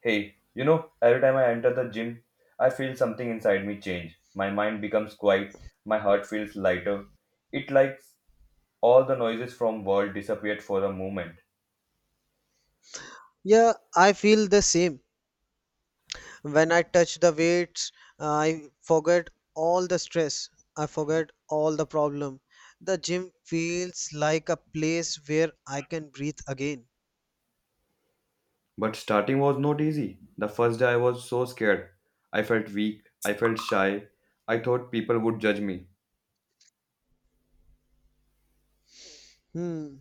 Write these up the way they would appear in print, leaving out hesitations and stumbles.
Hey, you know, every time I enter the gym, I feel something inside me change. My mind becomes quiet, my heart feels lighter. It like all the noises from world disappeared for a moment. Yeah, I feel the same. When I touch the weights, I forget all the stress. I forget all the problem. The gym feels like a place where I can breathe again. But starting was not easy. The first day I was so scared. I felt weak, I felt shy. I thought people would judge me. Hmm.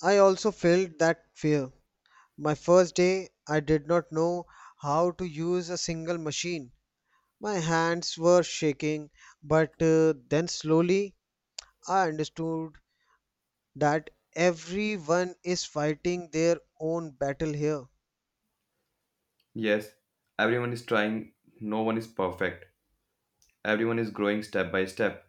I also felt that fear. My first day, I did not know how to use a single machine. My hands were shaking, but then slowly I understood that everyone is fighting their own battle here. Yes, everyone is trying, no one is perfect. Everyone is growing step by step.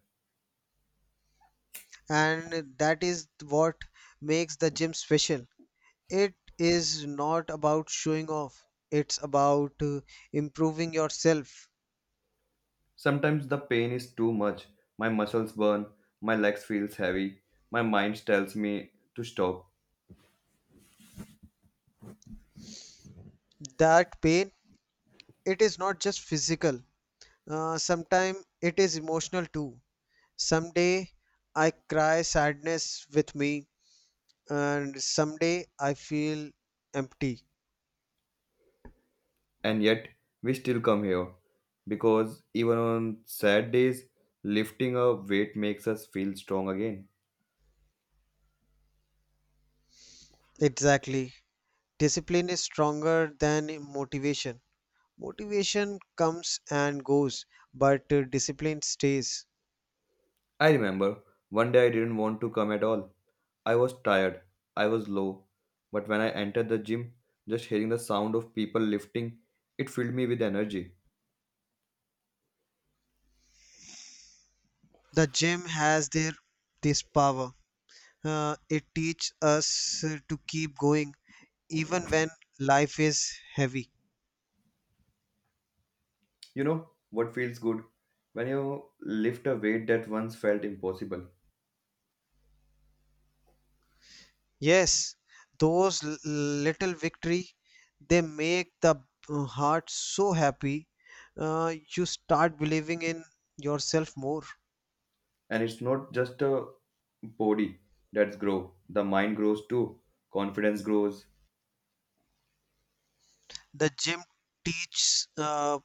And that is what makes the gym special. It is not about showing off, it's about improving yourself. Sometimes the pain is too much. My muscles burn, my legs feels heavy, my mind tells me to stop, That pain, it is not just physical. Sometimes it is emotional too. Someday I cry sadness with me, and someday I feel empty. and yet we still come here because even on sad days, lifting a weight makes us feel strong again. Exactly. Discipline is stronger than motivation. Motivation comes and goes, but discipline stays. I remember one day I didn't want to come at all. I was tired, I was low, but when I entered the gym, just hearing the sound of people lifting, it filled me with energy. The gym has their this power. It teaches us to keep going even when life is heavy. You know what feels good? When you lift a weight that once felt impossible. Yes, those little victory, they make the heart so happy. You start believing in yourself more. And it's not just a body that's grow. The mind grows too. Confidence grows, The gym teaches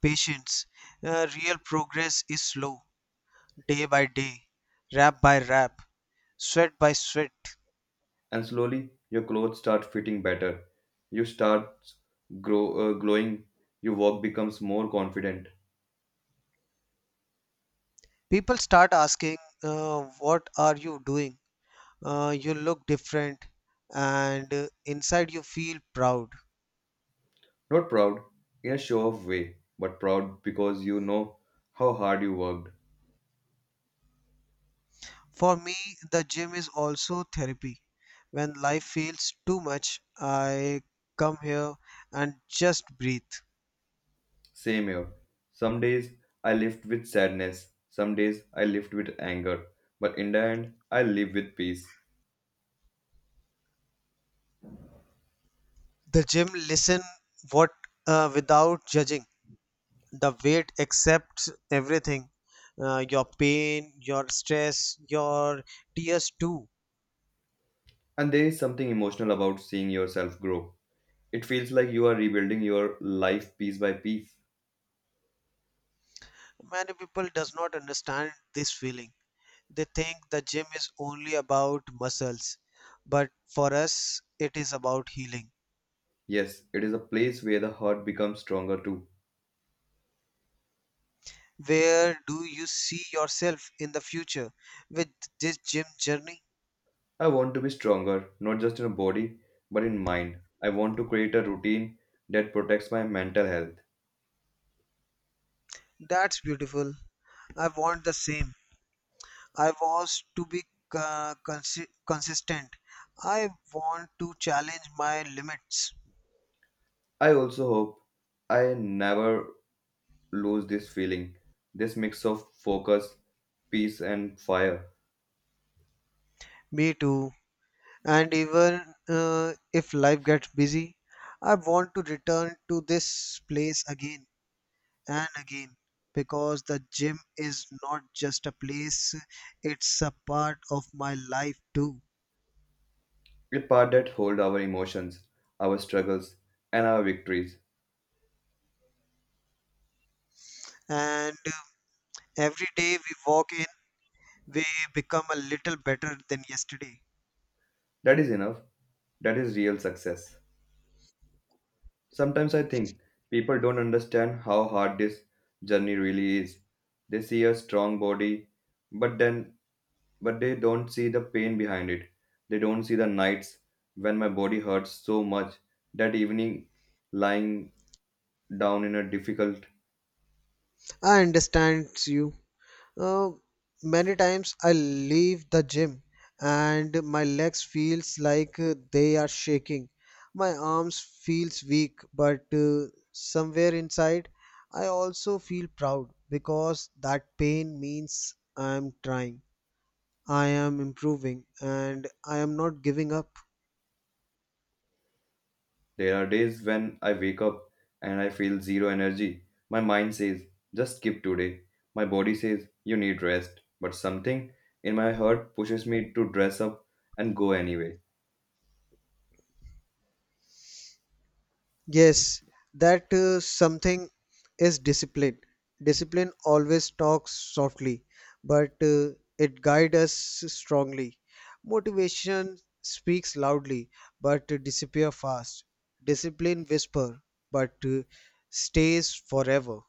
patience. Real progress is slow. Day by day, rap by rap, sweat by sweat. and slowly your clothes start fitting better. You start grow glowing. Your walk becomes more confident, People start asking, what are you doing? You look different, and inside you feel proud. not proud in a show-off way, but proud because you know how hard you worked. For me, the gym is also therapy. When life feels too much, I come here and just breathe. Same here. Some days I lift with sadness. Some days I lift with anger. But in the end, I live with peace. The gym listen what without judging. The weight accepts everything, your pain, your stress, your tears too. And there is something emotional about seeing yourself grow. It feels like you are rebuilding your life piece by piece. Many people does not understand this feeling. They think the gym is only about muscles, but for us it is about healing. Yes, it is a place where the heart becomes stronger too. Where do you see yourself in the future with this gym journey? I want to be stronger, not just in a body, but in mind. I want to create a routine that protects my mental health. That's beautiful. I want the same. I was to be consistent. I want to challenge my limits. I also hope I never lose this feeling, this mix of focus, peace, and fire. Me too. And even if life gets busy, I want to return to this place again and again, because the gym is not just a place, it's a part of my life too. A part that hold our emotions, our struggles, and our victories. And every day we walk in, we become a little better than yesterday. That is enough. That is real success. Sometimes I think people don't understand how hard this journey really is. They see a strong body, but then but they don't see the pain behind it. They don't see the nights when my body hurts so much that evening lying down in a difficult I understand you. Uh, many times I leave the gym and my legs feels like they are shaking. My arms feels weak, but somewhere inside I also feel proud because that pain means I am trying. I am improving and I am not giving up. there are days when I wake up and I feel zero energy. My mind says, just skip today. My body says, you need rest. But something in my heart pushes me to dress up and go anyway. Yes, that something is discipline. Discipline always talks softly, but it guides us strongly. Motivation speaks loudly, but disappear fast. Discipline whisper, but stays forever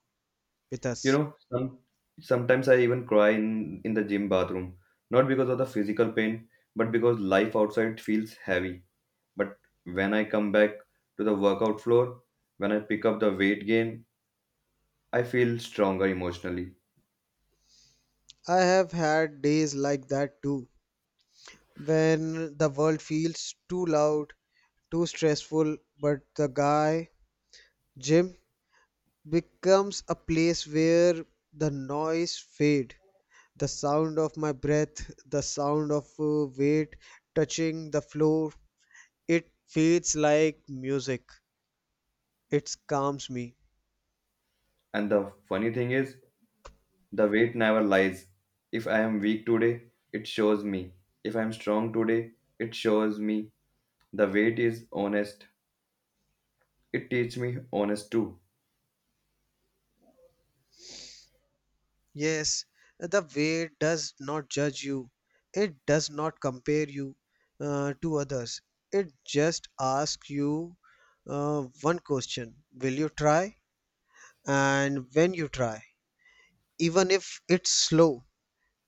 with You us. know, sometimes I even cry in the gym bathroom, not because of the physical pain, but because life outside feels heavy. But when I come back to the workout floor, when I pick up the weight gain, I feel stronger emotionally. I have had days like that too, when the world feels too loud, too stressful, but the guy, Jim, becomes a place where the noise fade, the sound of my breath, the sound of weight touching the floor, it feels like music, it calms me. And the funny thing is, the weight never lies. If I am weak today, it shows me. If I am strong today, it shows me. The weight is honest. It teaches me honest too. Yes, the weight does not judge you, it does not compare you to others. It just asks you one question: will you try? And when you try, even if it's slow,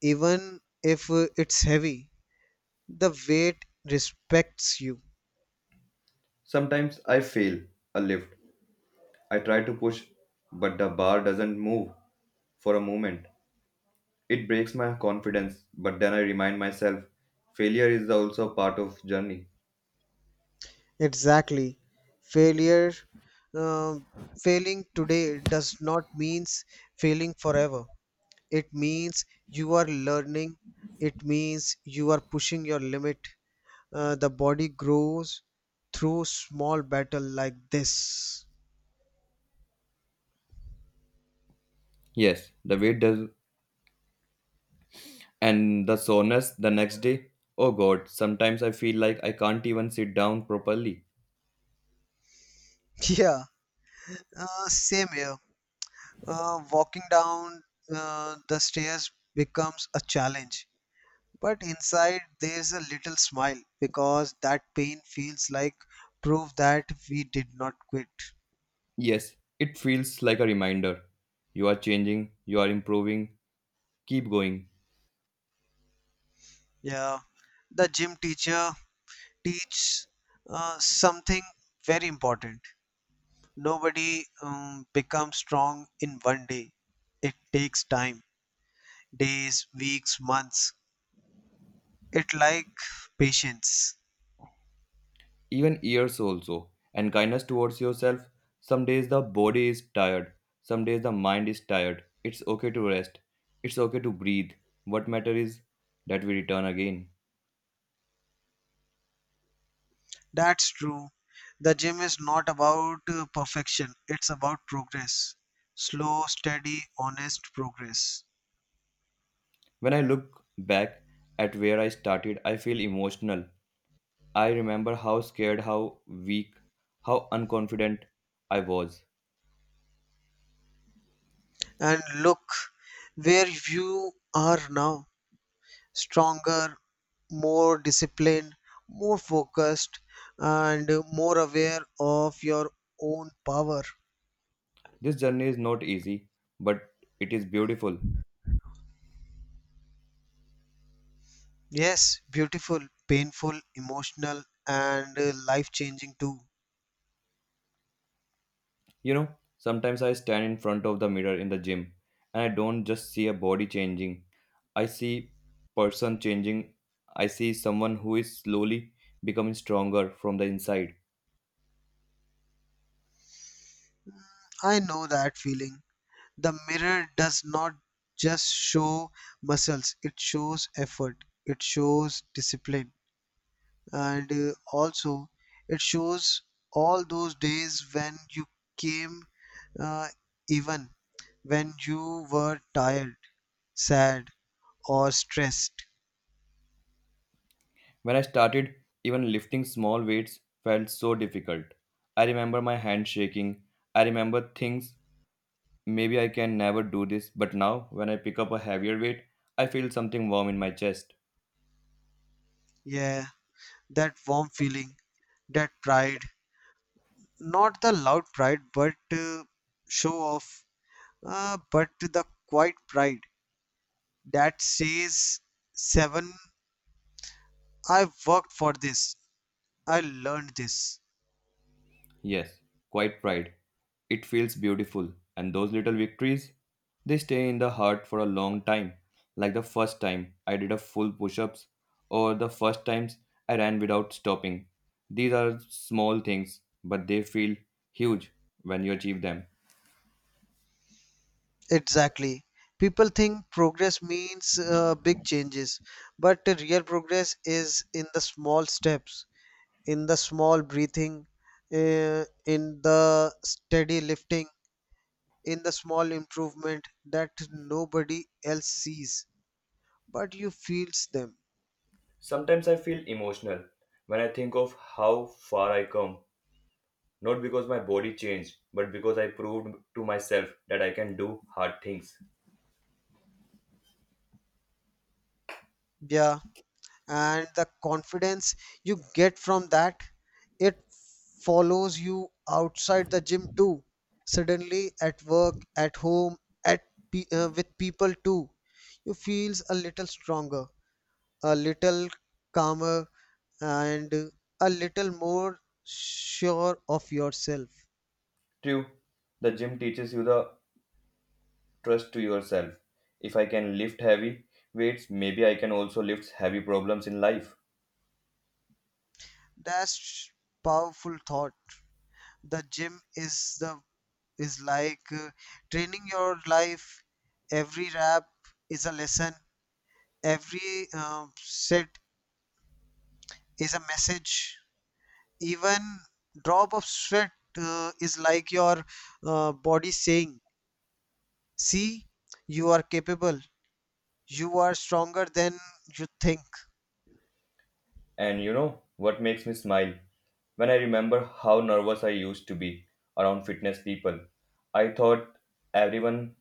even if it's heavy, the weight respects you. Sometimes I fail a lift. I try to push, but the bar doesn't move for a moment. It breaks my confidence, but then I remind myself failure is also part of journey. Exactly. Failure, uh, failing today does not means failing forever. It means you are learning. It means you are pushing your limit. The body grows through small battle like this. Yes, the weight does, and the soreness the next day. Oh god, sometimes I feel like I can't even sit down properly. Yeah, same here. Walking down the stairs becomes a challenge. But inside there's a little smile because that pain feels like proof that we did not quit. Yes, it feels like a reminder. You are changing, you are improving, keep going. Yeah, the gym teacher teaches something very important. Nobody becomes strong in one day. It takes time, days, weeks, months. It like patience. Even years also, and kindness towards yourself. Some days the body is tired, some days the mind is tired. It's okay to rest, it's okay to breathe. What matter is that we return again. That's true. The gym is not about perfection, it's about progress. Slow, steady, honest progress. When I look back at where I started, I feel emotional. I remember how scared, how weak, how unconfident I was. And look where you are now: stronger, more disciplined, more focused, and more aware of your own power. This journey is not easy, but it is beautiful. Yes, beautiful, painful, emotional, and life changing too. You know, sometimes I stand in front of the mirror in the gym and I don't just see a body changing. I see person changing. I see someone who is slowly becoming stronger from the inside. I know that feeling. The mirror does not just show muscles, it shows effort, it shows discipline, and also it shows all those days when you came, uh, even when you were tired, sad, or stressed. When I started, even lifting small weights felt so difficult. I remember my hand shaking. I remember things maybe I can never do this, but now when I pick up a heavier weight, I feel something warm in my chest. Yeah, that warm feeling, that pride. Not the loud pride, but show off, but the quiet pride that says seven. I worked for this. I learned this. Yes, quite right. It feels beautiful, and those little victories, they stay in the heart for a long time. Like the first time I did a full push ups, or the first times I ran without stopping. These are small things, but they feel huge when you achieve them. Exactly. People think progress means big changes, but the real progress is in the small steps, in the small breathing, in the steady lifting, in the small improvement that nobody else sees, but you feels them. Sometimes I feel emotional when I think of how far I come, not because my body changed, but because I proved to myself that I can do hard things. Yeah. And the confidence you get from that, it follows you outside the gym too. Suddenly at work, at home, at with people too, you feels a little stronger, a little calmer, and a little more sure of yourself. True, the gym teaches you the trust to yourself. If I can lift heavy weights, maybe I can also lift heavy problems in life. That's powerful thought. The gym is the is like training your life. Every rep is a lesson, every set is a message, even drop of sweat is like your body saying: see, you are capable, you are stronger than you think. And you know what makes me smile? When I remember how nervous I used to be around fitness people, I thought everyone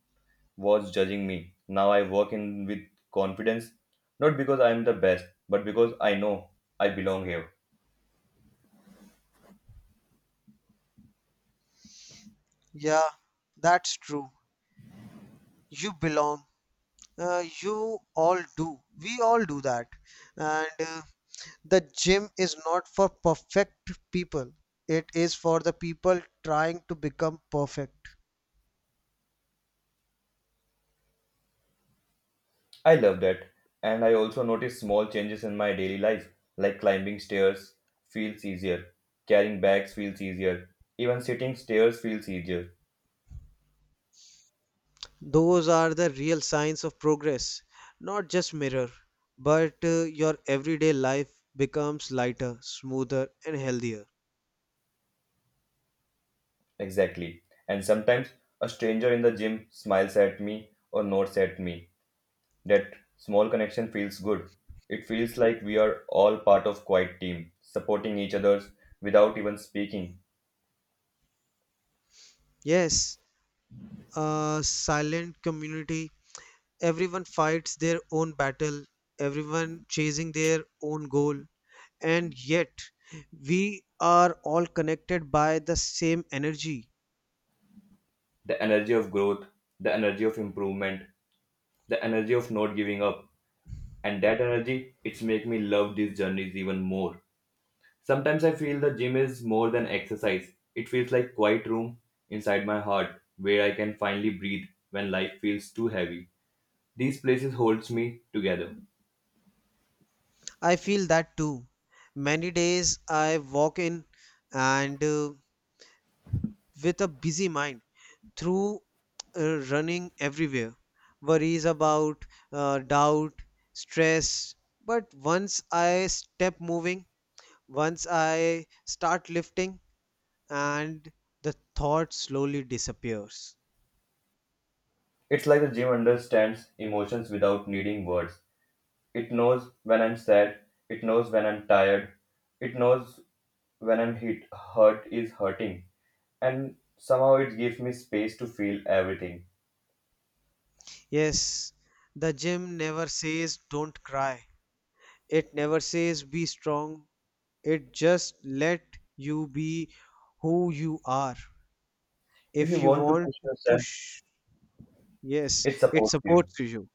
was judging me. Now I walk in with confidence, not because I am the best, but because I know I belong here. Yeah, that's true. You belong, you all do, we all do that. And the gym is not for perfect people, it is for the people trying to become perfect. I love that. And I also notice small changes in my daily life, like climbing stairs feels easier, carrying bags feels easier, even sitting stairs feels easier. Those are the real signs of progress, not just mirror, but your everyday life becomes lighter, smoother, and healthier. Exactly. And sometimes a stranger in the gym smiles at me or nods at me. That small connection feels good. It feels like we are all part of quiet team, supporting each others without even speaking. Yes, a silent community. Everyone fights their own battle, everyone chasing their own goal, and yet we are all connected by the same energy. The energy of growth, the energy of improvement, the energy of not giving up. And that energy, it's make me love these journeys even more. Sometimes I feel the gym is more than exercise, it feels like quiet room inside my heart where I can finally breathe. When life feels too heavy, these places holds me together. I feel that too. Many days I walk in and with a busy mind, through running everywhere, worries about doubt, stress. But once I step moving, once I start lifting, and the thought slowly disappears. It's like the gym understands emotions without needing words. It knows when I'm sad, it knows when I'm tired, it knows when I'm hit, hurt is hurting, and somehow it gives me space to feel everything. Yes, the gym never says don't cry, it never says be strong. It just let you be who you are. If you If you want to want push to yourself. push, yes, It it supports you. supports you.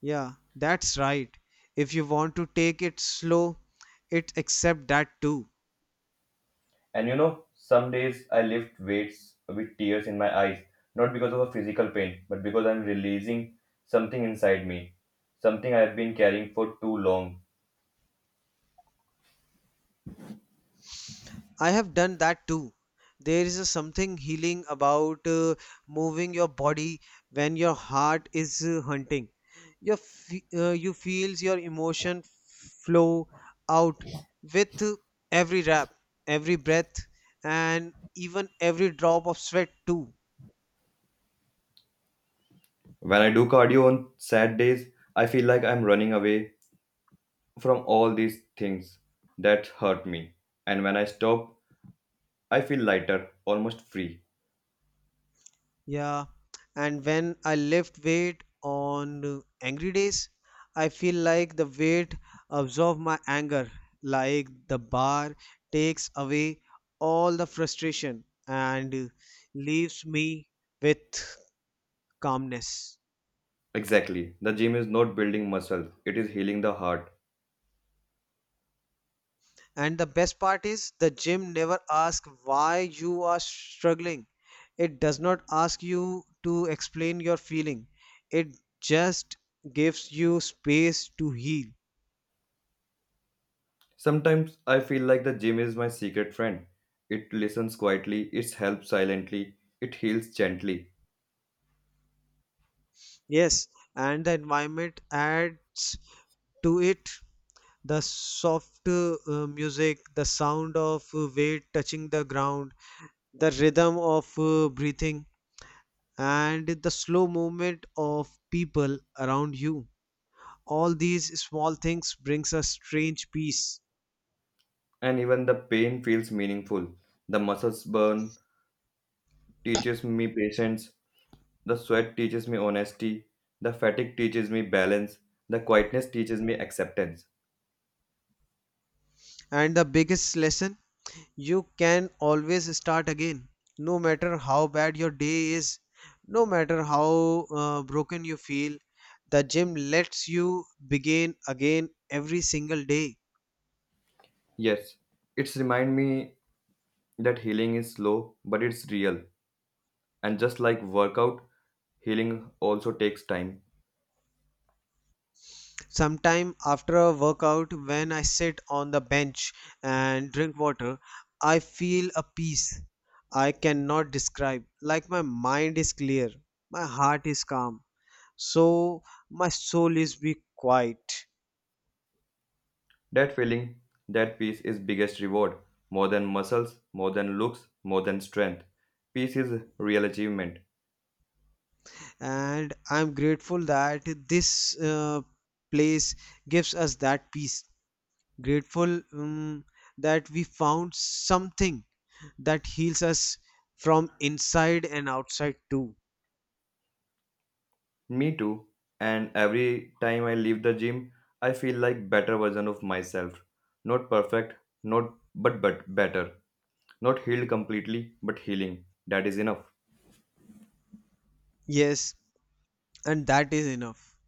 Yeah, that's right. If you want to take it slow, it accept that too. And you know, some days I lift weights with tears in my eyes, not because of a physical pain, but because I'm releasing something inside me, something I've been carrying for too long. I have done that too. There is a something healing about moving your body when your heart is hunting. You feels your emotion flow out with every rap, every breath, and even every drop of sweat too. When I do cardio on sad days, I feel like I'm running away from all these things that hurt me. And when I stop, I feel lighter, almost free. Yeah, and when I lift weight on angry days, I feel like the weight absorbs my anger, like the bar takes away all the frustration and leaves me with calmness. Exactly. The gym is not building muscle, it is healing the heart. And the best part is the gym never asks why you are struggling. It does not ask you to explain your feeling. It just gives you space to heal. Sometimes I feel like the gym is my secret friend. It listens quietly, it helps silently, it heals gently, Yes, and the environment adds to it. The soft music, the sound of weight touching the ground, the rhythm of breathing, and the slow movement of people around you. All these small things brings a strange peace. and even the pain feels meaningful. The muscles burn, teaches me patience, the sweat teaches me honesty, the fatigue teaches me balance, the quietness teaches me acceptance. And the biggest lesson: you can always start again, no matter how bad your day is, no matter how broken you feel. The gym lets you begin again every single day. Yes, it's remind me that healing is slow, but it's real. And just like workout, healing also takes time. Sometime after a workout, when I sit on the bench and drink water, I feel a peace I cannot describe. Like my mind is clear, my heart is calm, so my soul is be quiet. That feeling, that peace is biggest reward, more than muscles, more than looks, more than strength. Peace is real achievement. And I'm grateful that this place gives us that peace, grateful that we found something that heals us from inside and outside too. Me too. And every time I leave the gym, I feel like better version of myself. Not perfect, not but but better. Not healed completely, but healing. That is enough. Yes, and that is enough.